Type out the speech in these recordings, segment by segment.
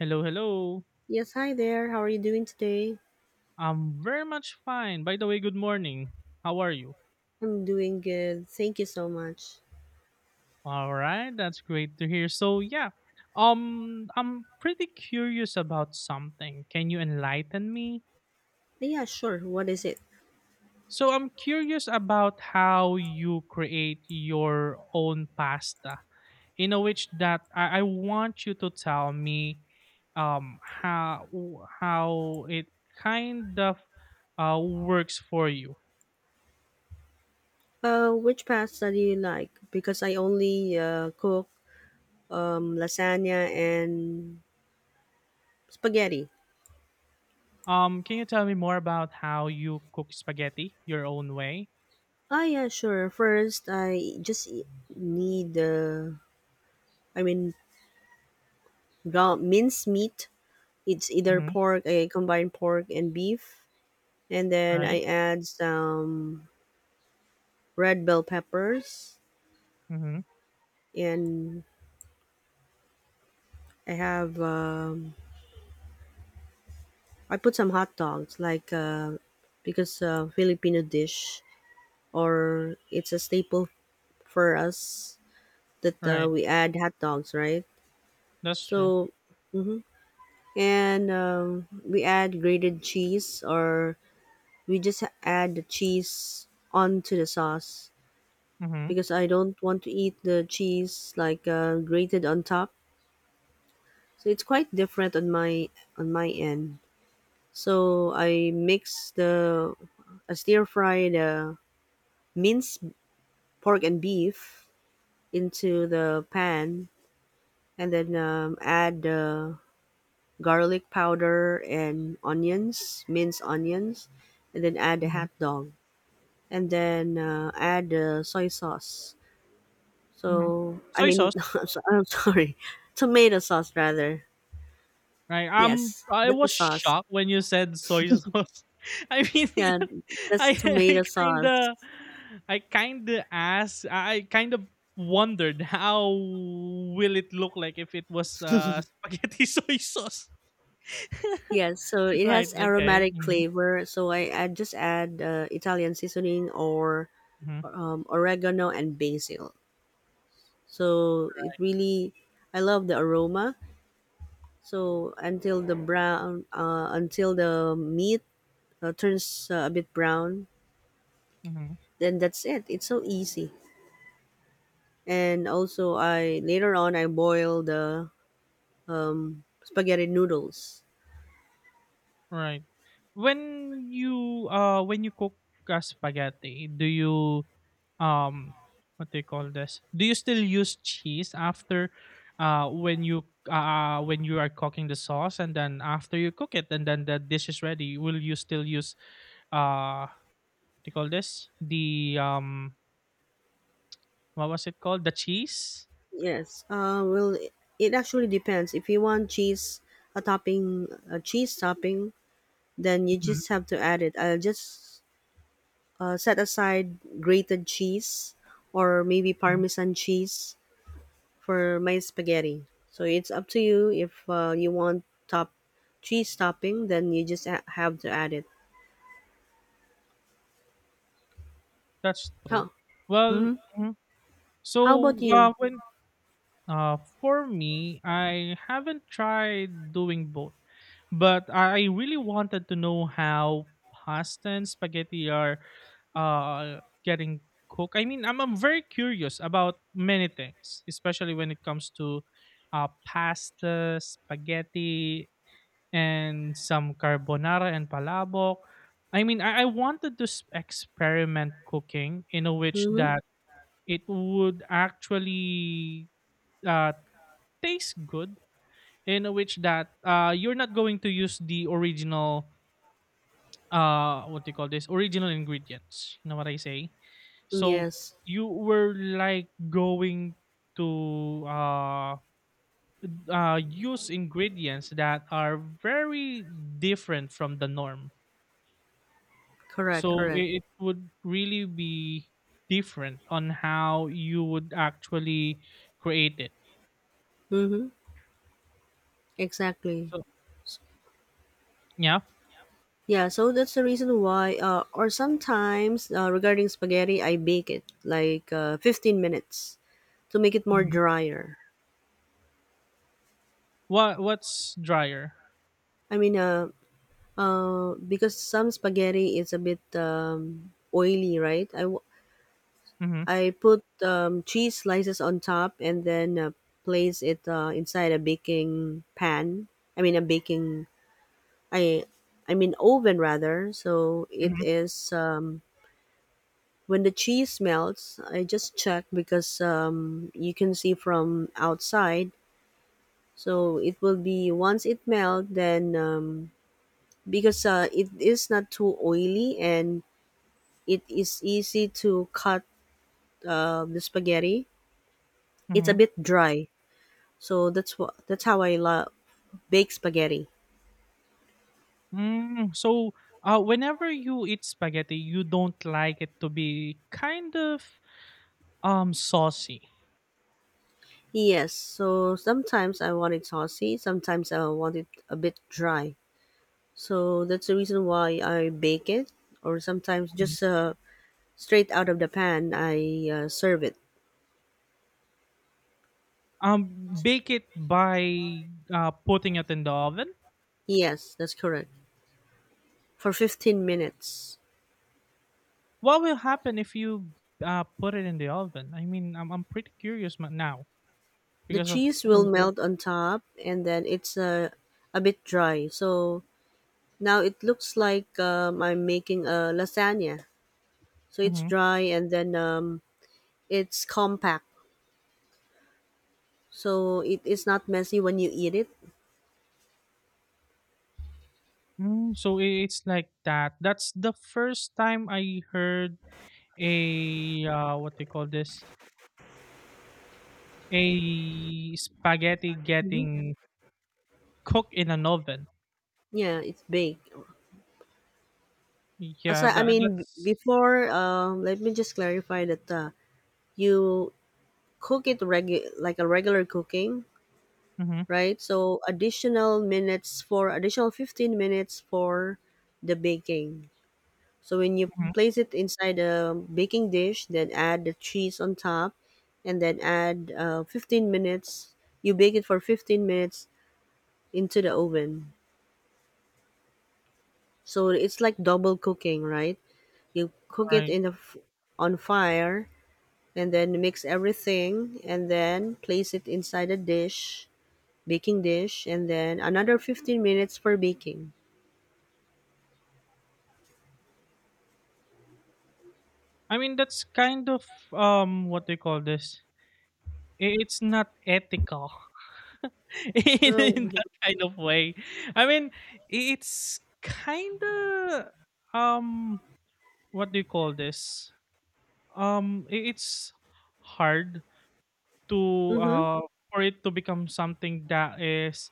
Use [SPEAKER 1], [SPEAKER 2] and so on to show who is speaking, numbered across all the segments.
[SPEAKER 1] Hello, hello.
[SPEAKER 2] Yes, hi there. How are you doing today?
[SPEAKER 1] I'm very much fine. By the way, good morning. How are you?
[SPEAKER 2] I'm doing good. Thank you so much.
[SPEAKER 1] All right, that's great to hear. So, yeah. I'm pretty curious about something. Can you enlighten me?
[SPEAKER 2] Yeah, sure. What is it?
[SPEAKER 1] So, I'm curious about how you create your own pasta. In a which that I want you to tell me um how how it kind of works for you.
[SPEAKER 2] Which pasta do you like? Because I only cook lasagna and spaghetti.
[SPEAKER 1] Can you tell me more about how you cook spaghetti your own way?
[SPEAKER 2] Yeah, sure. First, I just need, I mean, raw minced meat. It's either
[SPEAKER 1] Mhm.
[SPEAKER 2] pork, I combine pork and beef. And then
[SPEAKER 1] Right.
[SPEAKER 2] I add some red bell peppers.
[SPEAKER 1] Mhm.
[SPEAKER 2] And I have. I put some hot dogs, like because Filipino dish, or it's a staple for us that
[SPEAKER 1] Right.
[SPEAKER 2] we add hot dogs, right?
[SPEAKER 1] That's true.
[SPEAKER 2] So, mhm. And we add grated cheese, or we just add the cheese onto the sauce
[SPEAKER 1] Mhm.
[SPEAKER 2] because I don't want to eat the cheese like grated on top. So it's quite different on my end. So I mix the I stir fry the mince pork and beef into the pan and then add the garlic powder and onions, minced onions, and then add the
[SPEAKER 1] Mhm.
[SPEAKER 2] hot dog and then add the soy sauce.
[SPEAKER 1] Mhm. Soy sauce,
[SPEAKER 2] I'm sorry, tomato sauce rather.
[SPEAKER 1] right?
[SPEAKER 2] Yes,
[SPEAKER 1] I
[SPEAKER 2] that's the
[SPEAKER 1] was
[SPEAKER 2] sauce.
[SPEAKER 1] shocked when you said soy sauce. I mean,
[SPEAKER 2] Yeah, that's
[SPEAKER 1] I, I
[SPEAKER 2] tomato
[SPEAKER 1] kind
[SPEAKER 2] sauce.
[SPEAKER 1] of, I kind of asked, I kind of wondered how will it look like if it was spaghetti soy sauce.
[SPEAKER 2] Yes, so it
[SPEAKER 1] Right.
[SPEAKER 2] has
[SPEAKER 1] Okay.
[SPEAKER 2] aromatic flavor. So I just add Italian seasoning or
[SPEAKER 1] Hmm.
[SPEAKER 2] oregano and basil. So it really, I love the aroma. So until until the meat turns a bit brown,
[SPEAKER 1] Hmm.
[SPEAKER 2] then that's it. It's so easy. And also, I later on I boil the spaghetti noodles.
[SPEAKER 1] Right. When you cook spaghetti, do you um what do you call this? Do you still use cheese after uh when you when you are cooking the sauce, and then after you cook it and then the dish is ready, will you still use what do you call this? The what was it called? The cheese?
[SPEAKER 2] Yes. Well, it actually depends. If you want cheese, a topping, a cheese topping, then you
[SPEAKER 1] Mhm,
[SPEAKER 2] just have to add it. I just set aside grated cheese or maybe
[SPEAKER 1] mhm.
[SPEAKER 2] parmesan cheese for my spaghetti. So it's up to you if you want top cheese topping, then you just have to add it.
[SPEAKER 1] That's true.
[SPEAKER 2] Huh.
[SPEAKER 1] Well,
[SPEAKER 2] Mm-hmm.
[SPEAKER 1] mhm.
[SPEAKER 2] How
[SPEAKER 1] so
[SPEAKER 2] about you?
[SPEAKER 1] when for me, I haven't tried doing both, but I really wanted to know how pasta and spaghetti are getting cooked. I mean, I'm very curious about many things, especially when it comes to pasta, spaghetti, and some carbonara and palabok. I mean, I wanted to experiment cooking in a which
[SPEAKER 2] Mm-hmm.
[SPEAKER 1] that it would actually uh, tastes good, in which that you're not going to use the original what do you call this, original ingredients, you know what I say? So
[SPEAKER 2] Yes.
[SPEAKER 1] you were like going to use ingredients that are very different from the norm,
[SPEAKER 2] Correct.
[SPEAKER 1] so
[SPEAKER 2] Correct.
[SPEAKER 1] it would really be different on how you would actually create it.
[SPEAKER 2] Mm-hmm. Exactly.
[SPEAKER 1] So yeah.
[SPEAKER 2] Yeah. So that's the reason why, or sometimes regarding spaghetti, I bake it like 15 minutes to make it more
[SPEAKER 1] Mhm.
[SPEAKER 2] drier.
[SPEAKER 1] What what's drier?
[SPEAKER 2] I mean, uh, because some spaghetti is a bit oily, right?
[SPEAKER 1] Mm-hmm.
[SPEAKER 2] I put cheese slices on top and then place it inside a baking pan. I mean a baking I I mean oven rather. So it
[SPEAKER 1] Mm-hmm.
[SPEAKER 2] is when the cheese melts. I just check because you can see from outside. So it will be once it melt then because it is not too oily and it is easy to cut the spaghetti. It's a
[SPEAKER 1] Mhm.
[SPEAKER 2] bit dry, so that's how I love bake spaghetti.
[SPEAKER 1] Mm, so, whenever you eat spaghetti, you don't like it to be kind of saucy.
[SPEAKER 2] Yes, so sometimes I want it saucy, sometimes I want it a bit dry. So that's the reason why I bake it, or sometimes
[SPEAKER 1] Mhm.
[SPEAKER 2] just straight out of the pan I serve it.
[SPEAKER 1] Um, bake it by putting it in the oven.
[SPEAKER 2] Yes, that's correct. For 15 minutes.
[SPEAKER 1] What will happen if you put it in the oven? I mean, I'm pretty curious now
[SPEAKER 2] The
[SPEAKER 1] because of.
[SPEAKER 2] cheese will
[SPEAKER 1] Ooh.
[SPEAKER 2] melt on top and then it's a bit dry. So now it looks like I'm making a lasagna. So it's
[SPEAKER 1] Hmm.
[SPEAKER 2] dry and then it's compact. So it is not messy when you eat it.
[SPEAKER 1] Mm, so it's like that. That's the first time I heard a what do you call this, a spaghetti getting Cook in an oven.
[SPEAKER 2] Yeah, it's baked.
[SPEAKER 1] Yeah,
[SPEAKER 2] Aside, I
[SPEAKER 1] that
[SPEAKER 2] mean, b-
[SPEAKER 1] that's.
[SPEAKER 2] Before, let me just clarify that you cook it like a regular cooking,
[SPEAKER 1] Mhm,
[SPEAKER 2] right? So additional 15 minutes for the baking. So when you
[SPEAKER 1] mhm,
[SPEAKER 2] place it inside a baking dish, then add the cheese on top, and then add 15 minutes. You bake it for 15 minutes into the oven. So it's like double cooking, right? You cook it
[SPEAKER 1] right.
[SPEAKER 2] in on fire, and then mix everything, and then place it inside a dish, baking dish, and then another 15 minutes for baking.
[SPEAKER 1] I mean, that's kind of, what do you call this? I It's not ethical
[SPEAKER 2] So,
[SPEAKER 1] in that kind of way. I mean, it's kinda, um, what do you call this? I it's hard to,
[SPEAKER 2] mm-hmm.
[SPEAKER 1] for it to become something that is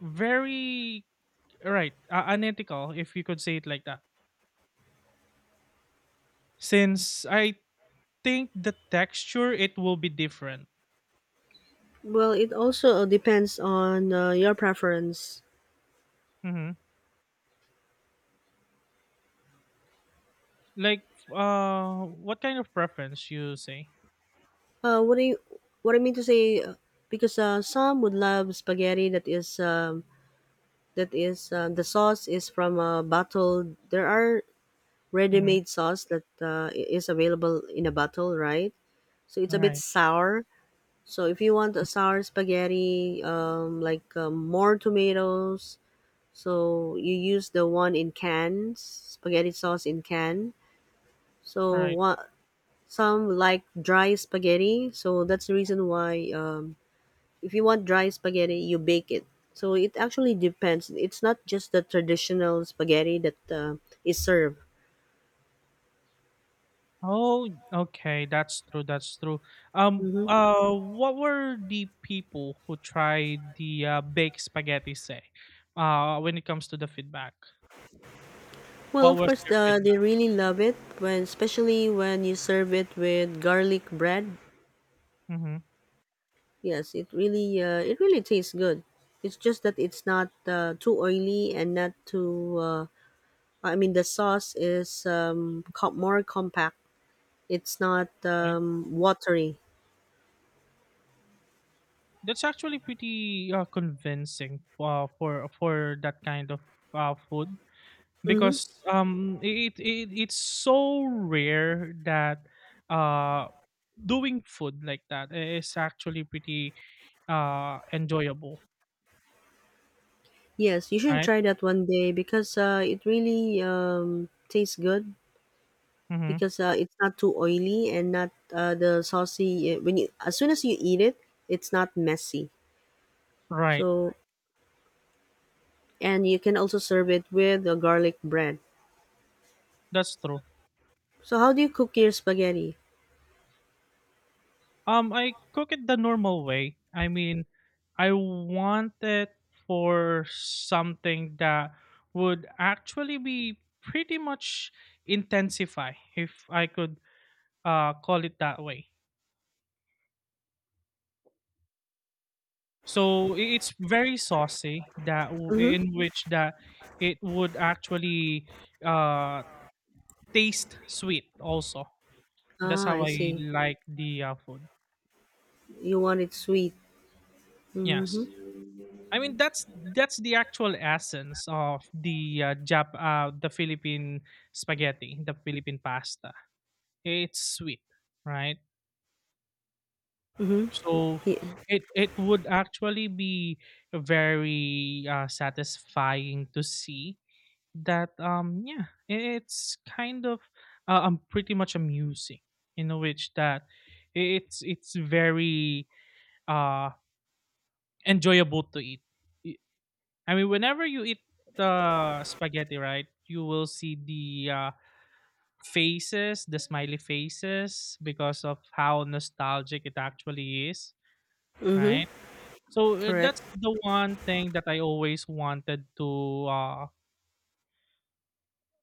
[SPEAKER 1] very right, unethical, if you could say it like that. Since I think the texture it will be different.
[SPEAKER 2] Well, it also depends on your preference.
[SPEAKER 1] Mm-hmm. Like what kind of preference you say?
[SPEAKER 2] Uh, what do you, what I mean to say, because some would love spaghetti that is the sauce is from a bottle. There are
[SPEAKER 1] Mm-hmm.
[SPEAKER 2] ready-made sauce that is available in a bottle, right? So it's a bit
[SPEAKER 1] Right.
[SPEAKER 2] sour. So if you want a sour spaghetti, more tomatoes, so you use the one in cans, spaghetti sauce in can. So
[SPEAKER 1] Right.
[SPEAKER 2] what Some like dry spaghetti. So that's the reason why. If you want dry spaghetti, you bake it. So it actually depends. It's not just the traditional spaghetti that is served.
[SPEAKER 1] Oh, okay, that's true, that's true. What were the people who tried the baked spaghetti say? Uh, when it comes to the feedback.
[SPEAKER 2] Well,
[SPEAKER 1] What
[SPEAKER 2] of
[SPEAKER 1] was
[SPEAKER 2] course,
[SPEAKER 1] their
[SPEAKER 2] they
[SPEAKER 1] feedback?
[SPEAKER 2] really love it, especially when you serve it with garlic bread.
[SPEAKER 1] Mm-hmm.
[SPEAKER 2] Yes, it really tastes good. It's just that it's not too oily and not too. The sauce is more compact. It's not
[SPEAKER 1] Right?
[SPEAKER 2] watery.
[SPEAKER 1] That's actually pretty convincing for that kind of food,
[SPEAKER 2] Hmm.
[SPEAKER 1] because it's so rare that uh doing food like that is actually pretty enjoyable,
[SPEAKER 2] Yes, you should
[SPEAKER 1] right?
[SPEAKER 2] try that one day because it really tastes good
[SPEAKER 1] Mm-hmm.
[SPEAKER 2] because it's not too oily and not the saucy. When you as soon as you eat it, it's not messy.
[SPEAKER 1] Right.
[SPEAKER 2] So and you can also serve it with a garlic bread.
[SPEAKER 1] That's true.
[SPEAKER 2] So how do you cook your spaghetti?
[SPEAKER 1] I cook it the normal way. I mean, I want it for something that would actually be pretty much intensify, if I could call it that way. So it's very saucy that
[SPEAKER 2] Mm-hmm.
[SPEAKER 1] in which that it would actually uh taste sweet also. That's
[SPEAKER 2] Ah,
[SPEAKER 1] how
[SPEAKER 2] I
[SPEAKER 1] I
[SPEAKER 2] see.
[SPEAKER 1] like the food.
[SPEAKER 2] You want it sweet.
[SPEAKER 1] Yes.
[SPEAKER 2] Mm-hmm.
[SPEAKER 1] I mean, that's the actual essence of the Jap the Philippine spaghetti, the Philippine pasta. It's sweet, right?
[SPEAKER 2] Mm-hmm.
[SPEAKER 1] So
[SPEAKER 2] Yeah.
[SPEAKER 1] it would actually be very satisfying to see that yeah, it's kind of pretty much amusing, in a which that it's very uh enjoyable to eat. I mean, whenever you eat the spaghetti, right, you will see the faces, the smiley faces, because of how nostalgic it actually is, right?
[SPEAKER 2] Mm-hmm.
[SPEAKER 1] So that's
[SPEAKER 2] Correct.
[SPEAKER 1] the one thing that I always wanted to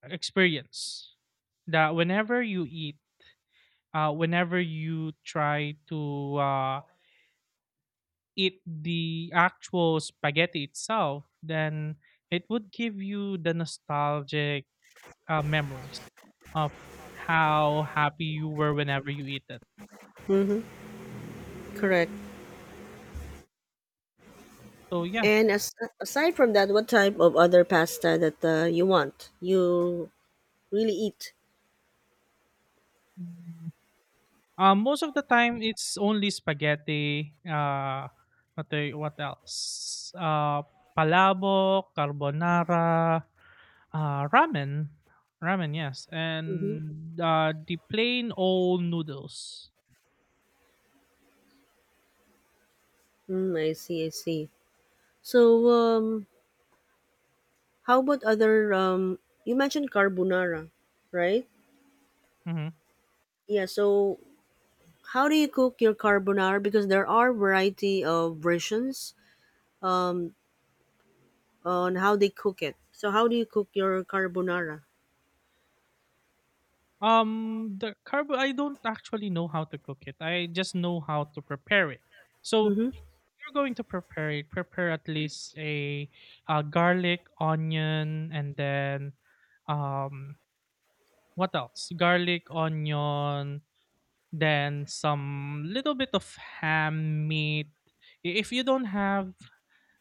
[SPEAKER 1] experience, that whenever you eat whenever you try to eat the actual spaghetti itself, then it would give you the nostalgic memories of how happy you were whenever you eat it.
[SPEAKER 2] Correct.
[SPEAKER 1] So yeah.
[SPEAKER 2] And as, Aside from that, what type of other pasta that you want? You really eat?
[SPEAKER 1] Mm. Uh, most of the time it's only spaghetti. What, what else? Palabok, carbonara, uh, ramen. Ramen, yes. And the plain old noodles.
[SPEAKER 2] Mm, I see, I see. So, how about other? You mentioned carbonara, right?
[SPEAKER 1] Hmm.
[SPEAKER 2] Yeah. So, how do you cook your carbonara? Because there are variety of versions on how they cook it. So, how do you cook your carbonara?
[SPEAKER 1] The carbo. I don't actually know how to cook it. I just know how to prepare it. So
[SPEAKER 2] Mm-hmm.
[SPEAKER 1] you're going to prepare it. Prepare at least a garlic, onion, and then um, what else? Garlic, onion, then some little bit of ham meat. If you don't have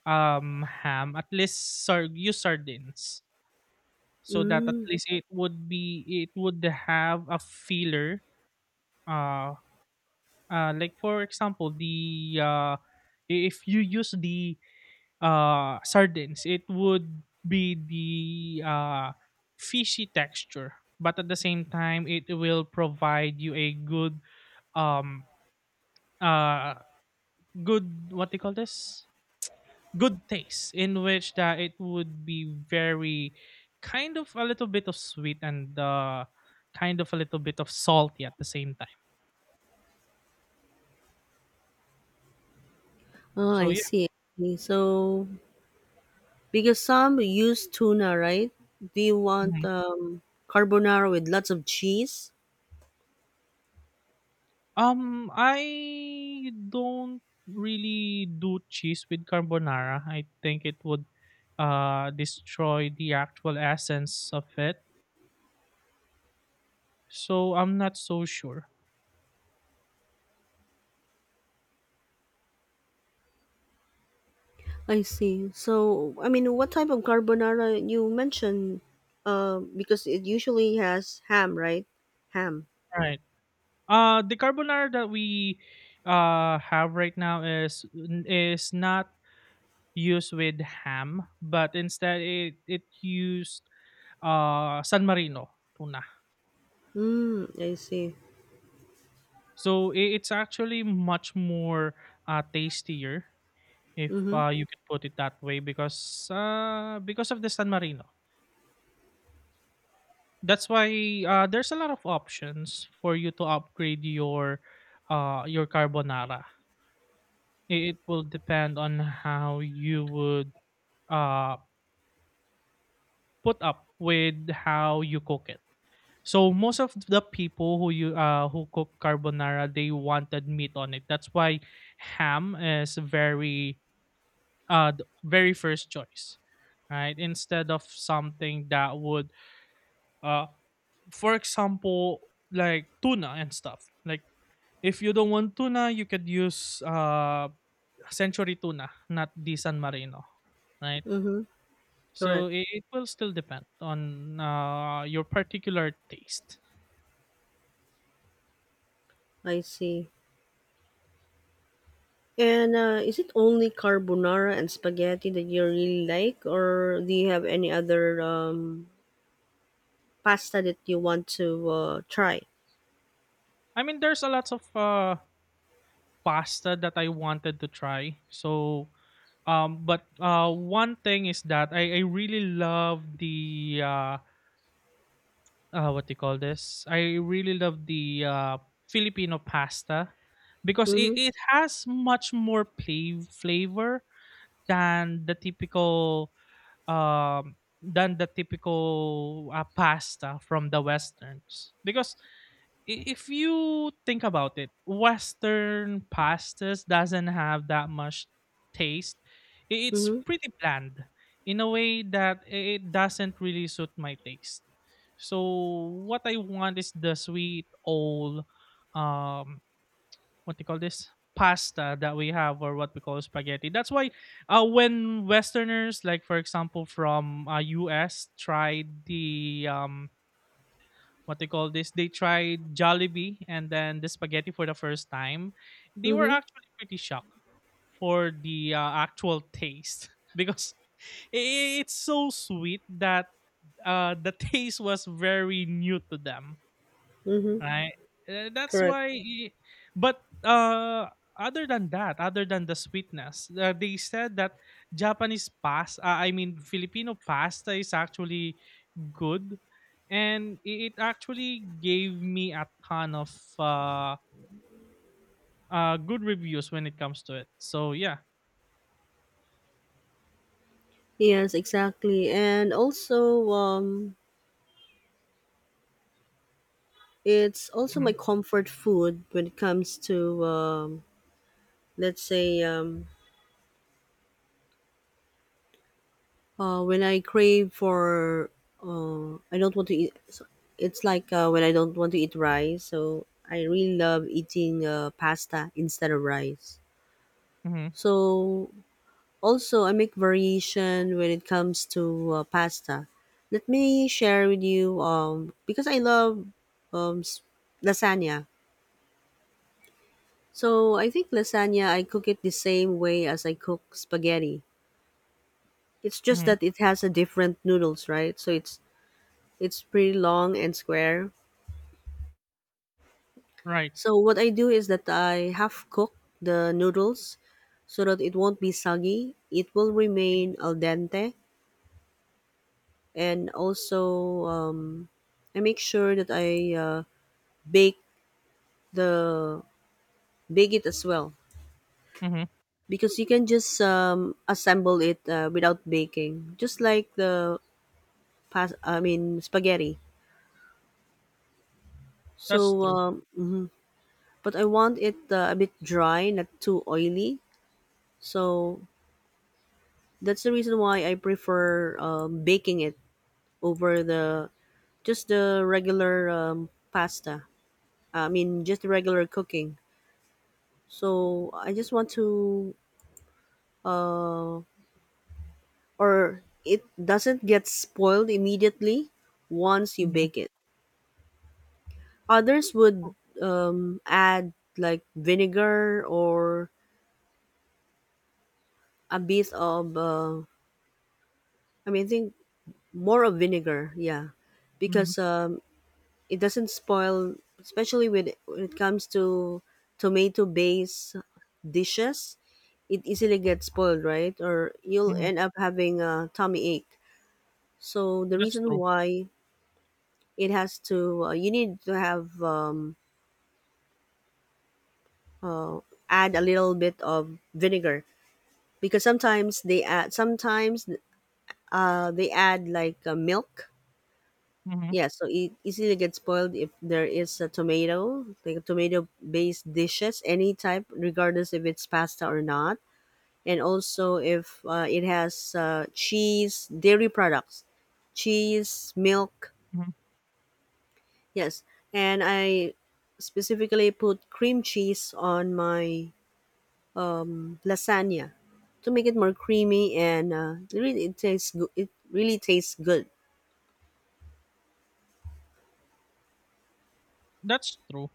[SPEAKER 1] um, ham, at least sar use sardines, so that at
[SPEAKER 2] Mm.
[SPEAKER 1] least it would be it would have a filler. Uh, like for example, the if you use the sardines, it would be the fishy texture, but at the same time, it will provide you a good um uh good, what do you call this, good taste, in which that it would be very kind of a little bit of sweet, and kind of a little bit of salty at the same time.
[SPEAKER 2] Oh,
[SPEAKER 1] So
[SPEAKER 2] I
[SPEAKER 1] yeah.
[SPEAKER 2] see. I see. So, because some use tuna, right? Do you want
[SPEAKER 1] Mhm.
[SPEAKER 2] carbonara with lots of cheese?
[SPEAKER 1] I don't really do cheese with carbonara. I think it would destroy the actual essence of it. So I'm not so sure.
[SPEAKER 2] I see. So, I mean, what type of carbonara you mentioned? Because it usually has ham, right? Ham.
[SPEAKER 1] Right. The carbonara that we have right now is not used with ham, but instead it used San Marino tuna.
[SPEAKER 2] Mm, I see.
[SPEAKER 1] So it's actually much more tastier, if
[SPEAKER 2] Mm-hmm.
[SPEAKER 1] you can put it that way, because of the San Marino. That's why there's a lot of options for you to upgrade your carbonara. It will depend on how you would uh put up with how you cook it. So most of the people who you who cook carbonara, they wanted meat on it. That's why ham is very the very first choice, right? Instead of something that would uh for example like tuna and stuff. Like if you don't want tuna, you could use century tuna, not the San Marino, right?
[SPEAKER 2] Mm-hmm.
[SPEAKER 1] So
[SPEAKER 2] Correct.
[SPEAKER 1] it will still depend on your particular taste.
[SPEAKER 2] I see. And is it only carbonara and spaghetti that you really like, or do you have any other pasta that you want to try?
[SPEAKER 1] I mean, there's a lot of pasta that I wanted to try. So, but one thing is that I really love the what do you call this? I really love the Filipino pasta, because it,
[SPEAKER 2] Mm-hmm.
[SPEAKER 1] it has much more play, flavor than the typical um than the typical pasta from the westerns, because if you think about it, Western pastas doesn't have that much taste. It's
[SPEAKER 2] Mm-hmm.
[SPEAKER 1] pretty bland, in a way that it doesn't really suit my taste. So what I want is the sweet old um what do you call this, pasta that we have, or what we call spaghetti. That's why when westerners, like for example from US, tried the what they call this. They tried Jollibee and then the spaghetti for the first time. They were
[SPEAKER 2] Mm-hmm.
[SPEAKER 1] actually pretty shocked for the actual taste, because i- it's so sweet that the taste was very new to them,
[SPEAKER 2] Mm-hmm.
[SPEAKER 1] right? Uh, that's
[SPEAKER 2] Correct.
[SPEAKER 1] why. i- But other than that, other than the sweetness, they said that Japanese pasta, I mean Filipino pasta, is actually good, and it actually gave me a ton of uh, good reviews when it comes to it. So yeah.
[SPEAKER 2] Yes, exactly. And also, it's also my
[SPEAKER 1] Hmm.
[SPEAKER 2] comfort food when it comes to, let's say, um, when I crave for, I don't want to eat. So it's like when I don't want to eat rice, so I really love eating pasta instead of rice.
[SPEAKER 1] Hmm.
[SPEAKER 2] So also, I make variation when it comes to pasta. Let me share with you, because I love um, s- lasagna. So I think lasagna, I cook it the same way as I cook spaghetti. It's just
[SPEAKER 1] Hmm.
[SPEAKER 2] that it has a different noodles, right? So it's pretty long and square.
[SPEAKER 1] Right.
[SPEAKER 2] So what I do is that I half cook the noodles so that it won't be soggy. It will remain al dente, and also I make sure that I bake the bake it as well
[SPEAKER 1] Hmm.
[SPEAKER 2] because you can just assemble it without baking, just like the spaghetti.
[SPEAKER 1] That's
[SPEAKER 2] So,
[SPEAKER 1] true.
[SPEAKER 2] mhm. But I want it a bit dry, not too oily. So that's the reason why I prefer baking it over the just the regular pasta. I mean, just the regular cooking. So I just want to, uh, or it doesn't get spoiled immediately once you
[SPEAKER 1] Hmm.
[SPEAKER 2] bake it. Others would add like vinegar or a bit of I think more of vinegar, yeah,
[SPEAKER 1] Hmm.
[SPEAKER 2] because it doesn't spoil especially with when it comes to tomato based dishes. It easily gets spoiled, right, or you'll
[SPEAKER 1] Hmm.
[SPEAKER 2] end up having a tummy ache. So the
[SPEAKER 1] That's
[SPEAKER 2] reason
[SPEAKER 1] true.
[SPEAKER 2] why it has to you need to have uh, add a little bit of vinegar because sometimes they add like milk.
[SPEAKER 1] Hmm.
[SPEAKER 2] Yeah, so it easily gets spoiled if there is a tomato, like tomato based dishes, any type, regardless if it's pasta or not. And also if it has cheese, dairy products, cheese, milk.
[SPEAKER 1] Hmm.
[SPEAKER 2] Yes. And I specifically put cream cheese on my lasagna to make it more creamy and it tastes good. It really tastes good.
[SPEAKER 1] That's true.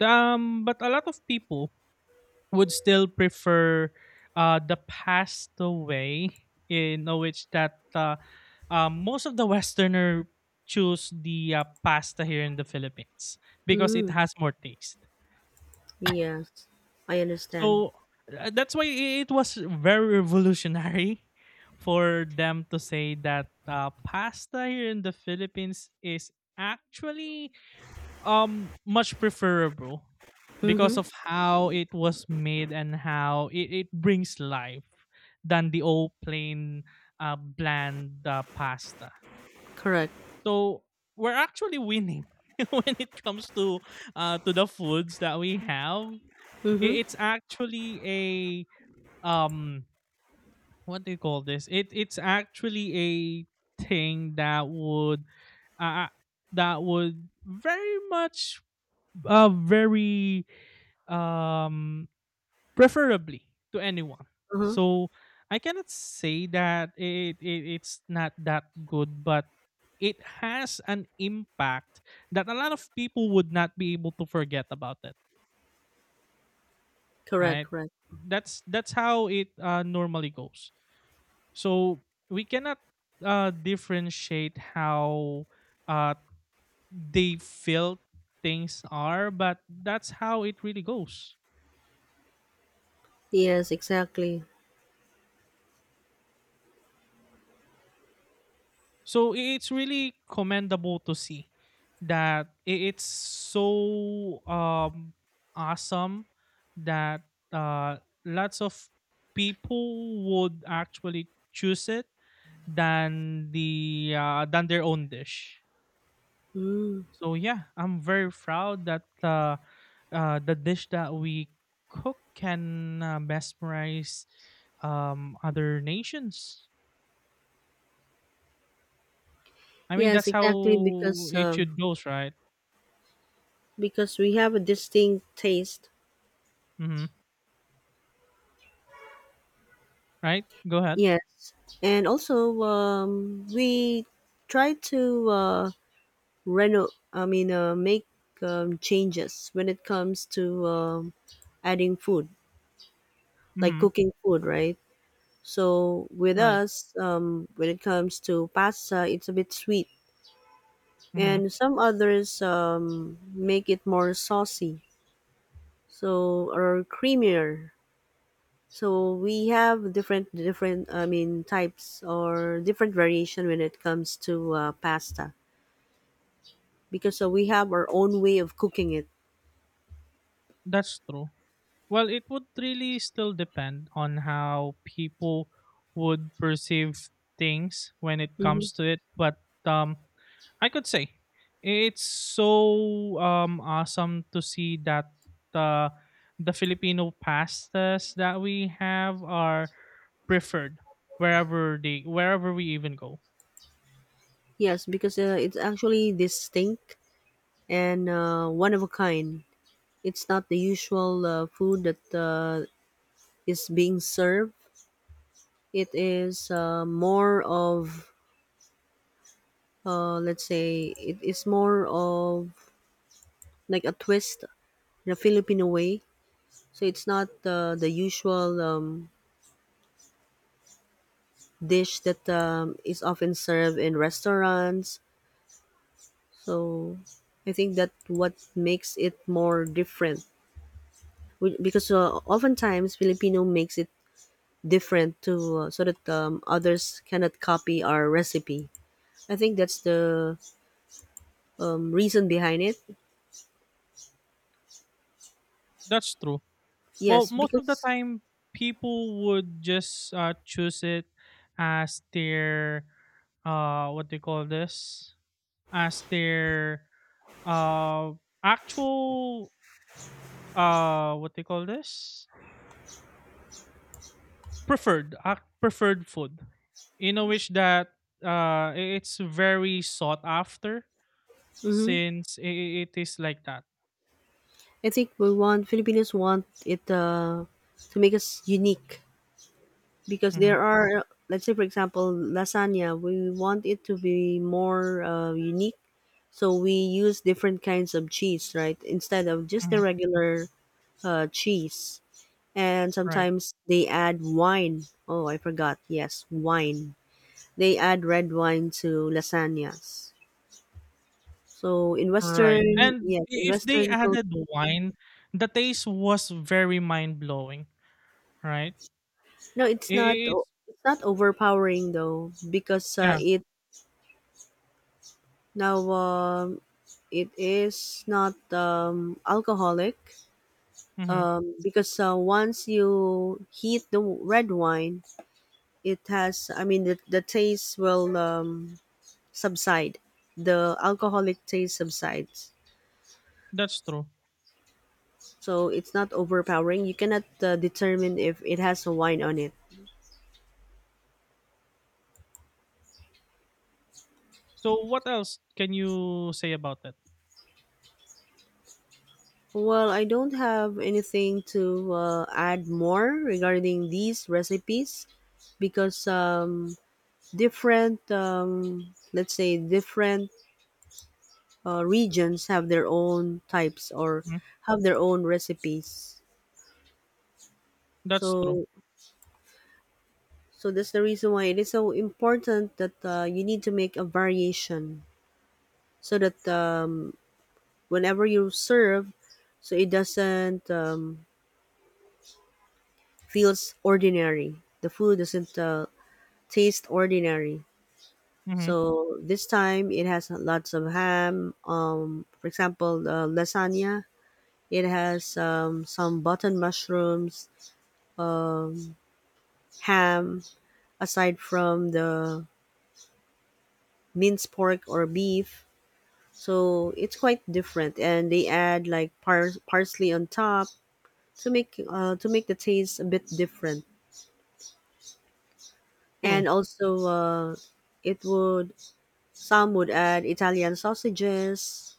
[SPEAKER 1] But a lot of people would still prefer the passed away, in which that most of the Westerner choose the pasta here in the Philippines, because it
[SPEAKER 2] Mm,
[SPEAKER 1] has more taste.
[SPEAKER 2] yes, I understand.
[SPEAKER 1] So that's why it was very revolutionary for them to say that pasta here in the Philippines is actually much preferable, because of
[SPEAKER 2] Mm-hmm.
[SPEAKER 1] how it was made and how it brings life than the old plain bland pasta.
[SPEAKER 2] Correct.
[SPEAKER 1] So we're actually winning when it comes to the foods that we have. It,
[SPEAKER 2] Mm-hmm.
[SPEAKER 1] it's actually a um what do you call this? It's actually a thing uh, that would very much very um, preferably to anyone.
[SPEAKER 2] Uh-huh.
[SPEAKER 1] So I cannot say that it's not that good, but it has an impact that a lot of people would not be able to forget about it.
[SPEAKER 2] Correct,
[SPEAKER 1] Right?
[SPEAKER 2] correct.
[SPEAKER 1] That's how it normally goes. So we cannot differentiate how uh, they feel things are, but that's how it really goes.
[SPEAKER 2] Yes, exactly.
[SPEAKER 1] So it's really commendable to see that it's so awesome that uh, lots of people would actually choose it than the than their own dish.
[SPEAKER 2] Mm.
[SPEAKER 1] So yeah, I'm very proud that the dish that we cook can mesmerize other nations. I mean,
[SPEAKER 2] Yes,
[SPEAKER 1] that's
[SPEAKER 2] exactly
[SPEAKER 1] how it should goes, right?
[SPEAKER 2] because we have a distinct taste.
[SPEAKER 1] Mhm. Right? Go ahead.
[SPEAKER 2] Yes. And also we try to reno I mean make changes when it comes to adding food, like
[SPEAKER 1] Mhm.
[SPEAKER 2] cooking food, right? So with
[SPEAKER 1] Right.
[SPEAKER 2] us when it comes to pasta, it's a bit sweet.
[SPEAKER 1] Mhm.
[SPEAKER 2] And some others make it more saucy, so or creamier. So we have different, I mean, types or different variation when it comes to pasta because we have our own way of cooking it.
[SPEAKER 1] That's true. Well, it would really still depend on how people would perceive things when it
[SPEAKER 2] Hmm.
[SPEAKER 1] comes to it, but I could say it's so awesome to see that uh, the Filipino pastas that we have are preferred wherever they wherever we even go.
[SPEAKER 2] Yes, because it's actually distinct and one of a kind. It's not the usual food that is being served. It is more of let's say it is more of like a twist in a Filipino way. So it's not the usual dish that is often served in restaurants. So I think that what makes it more different, because oftentimes Filipino makes it different to so that others cannot copy our recipe. I think that's the reason behind it.
[SPEAKER 1] That's true. Well,
[SPEAKER 2] Yes,
[SPEAKER 1] most of the
[SPEAKER 2] because
[SPEAKER 1] time, people would just choose it as their what do you call this, as their uh, actual what do you call this, preferred preferred food, in a which that it's very sought after,
[SPEAKER 2] hmm,
[SPEAKER 1] since it is like that.
[SPEAKER 2] I think we want Filipinos want it to make us unique because
[SPEAKER 1] Mm-hmm.
[SPEAKER 2] there are, let's say, for example, lasagna, we want it to be more unique, so we use different kinds of cheese, right, instead of just the
[SPEAKER 1] Mm-hmm.
[SPEAKER 2] regular cheese. And
[SPEAKER 1] Right.
[SPEAKER 2] sometimes they add wine. Oh, I forgot. Yes, wine. They add red wine to lasagnas, so in
[SPEAKER 1] Right.
[SPEAKER 2] western,
[SPEAKER 1] And
[SPEAKER 2] yes, in
[SPEAKER 1] if they
[SPEAKER 2] western
[SPEAKER 1] added
[SPEAKER 2] culture.
[SPEAKER 1] wine, the taste was very mind blowing, right?
[SPEAKER 2] No, it's
[SPEAKER 1] I-
[SPEAKER 2] not o-
[SPEAKER 1] It's
[SPEAKER 2] it's not overpowering though because
[SPEAKER 1] yeah.
[SPEAKER 2] now um it is not alcoholic
[SPEAKER 1] Hmm.
[SPEAKER 2] because once you heat the red wine, it has, I mean, the taste will subside. The alcoholic taste subsides.
[SPEAKER 1] That's true.
[SPEAKER 2] So it's not overpowering. You cannot determine if it has a wine on it.
[SPEAKER 1] So what else can you say about that?
[SPEAKER 2] Well, I don't have anything to add more regarding these recipes because different let's say different regions have their own types or
[SPEAKER 1] Mhm.
[SPEAKER 2] have their own recipes.
[SPEAKER 1] That's true.
[SPEAKER 2] So so that's the reason why it is so important that you need to make a variation so that whenever you serve, so it doesn't feels ordinary. The food doesn't taste ordinary.
[SPEAKER 1] Hmm.
[SPEAKER 2] So this time it has lots of ham. For example, lasagna. It has some button mushrooms, um, ham aside from the minced pork or beef. So it's quite different, and they add like parsley on top to make the taste a bit different.
[SPEAKER 1] True.
[SPEAKER 2] And also, it would some would add Italian sausages,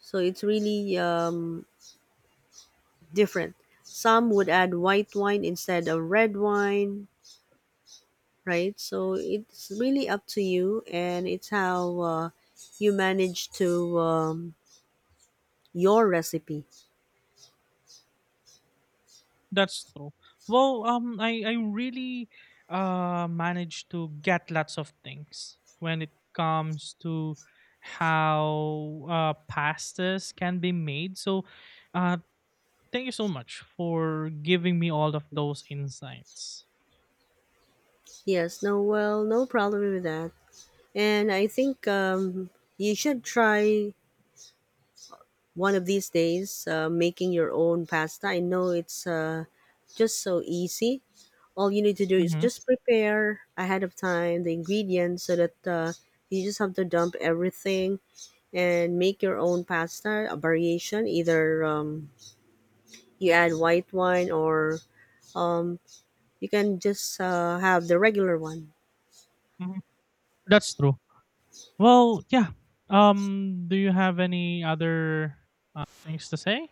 [SPEAKER 2] so it's really different. Some would add white wine instead of red wine, right? So it's really up to you, and it's how you manage to um, your recipe.
[SPEAKER 1] That's true. Well, I really managed to get lots of things when it comes to how pastas can be made. So, uh, thank you so much for giving me all of those insights.
[SPEAKER 2] Yes, no, well, no problem with that. And I think you should try one of these days making your own pasta. I know it's just so easy. All you need to do is
[SPEAKER 1] Mm-hmm.
[SPEAKER 2] just prepare ahead of time the ingredients so that you just have to dump everything and make your own pasta, a variation. Either you add white wine or um, you can just have the regular one.
[SPEAKER 1] Hmm. That's true. Well, yeah. Do you have any other things to say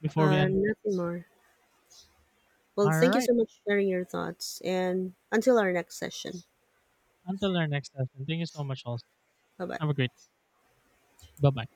[SPEAKER 1] before we end?
[SPEAKER 2] Nothing more. Well,
[SPEAKER 1] All
[SPEAKER 2] thank you
[SPEAKER 1] right.
[SPEAKER 2] so much for sharing your thoughts, and until our next session.
[SPEAKER 1] Until our next session. Thank you so much, also.
[SPEAKER 2] Bye bye.
[SPEAKER 1] Have a great. Bye bye.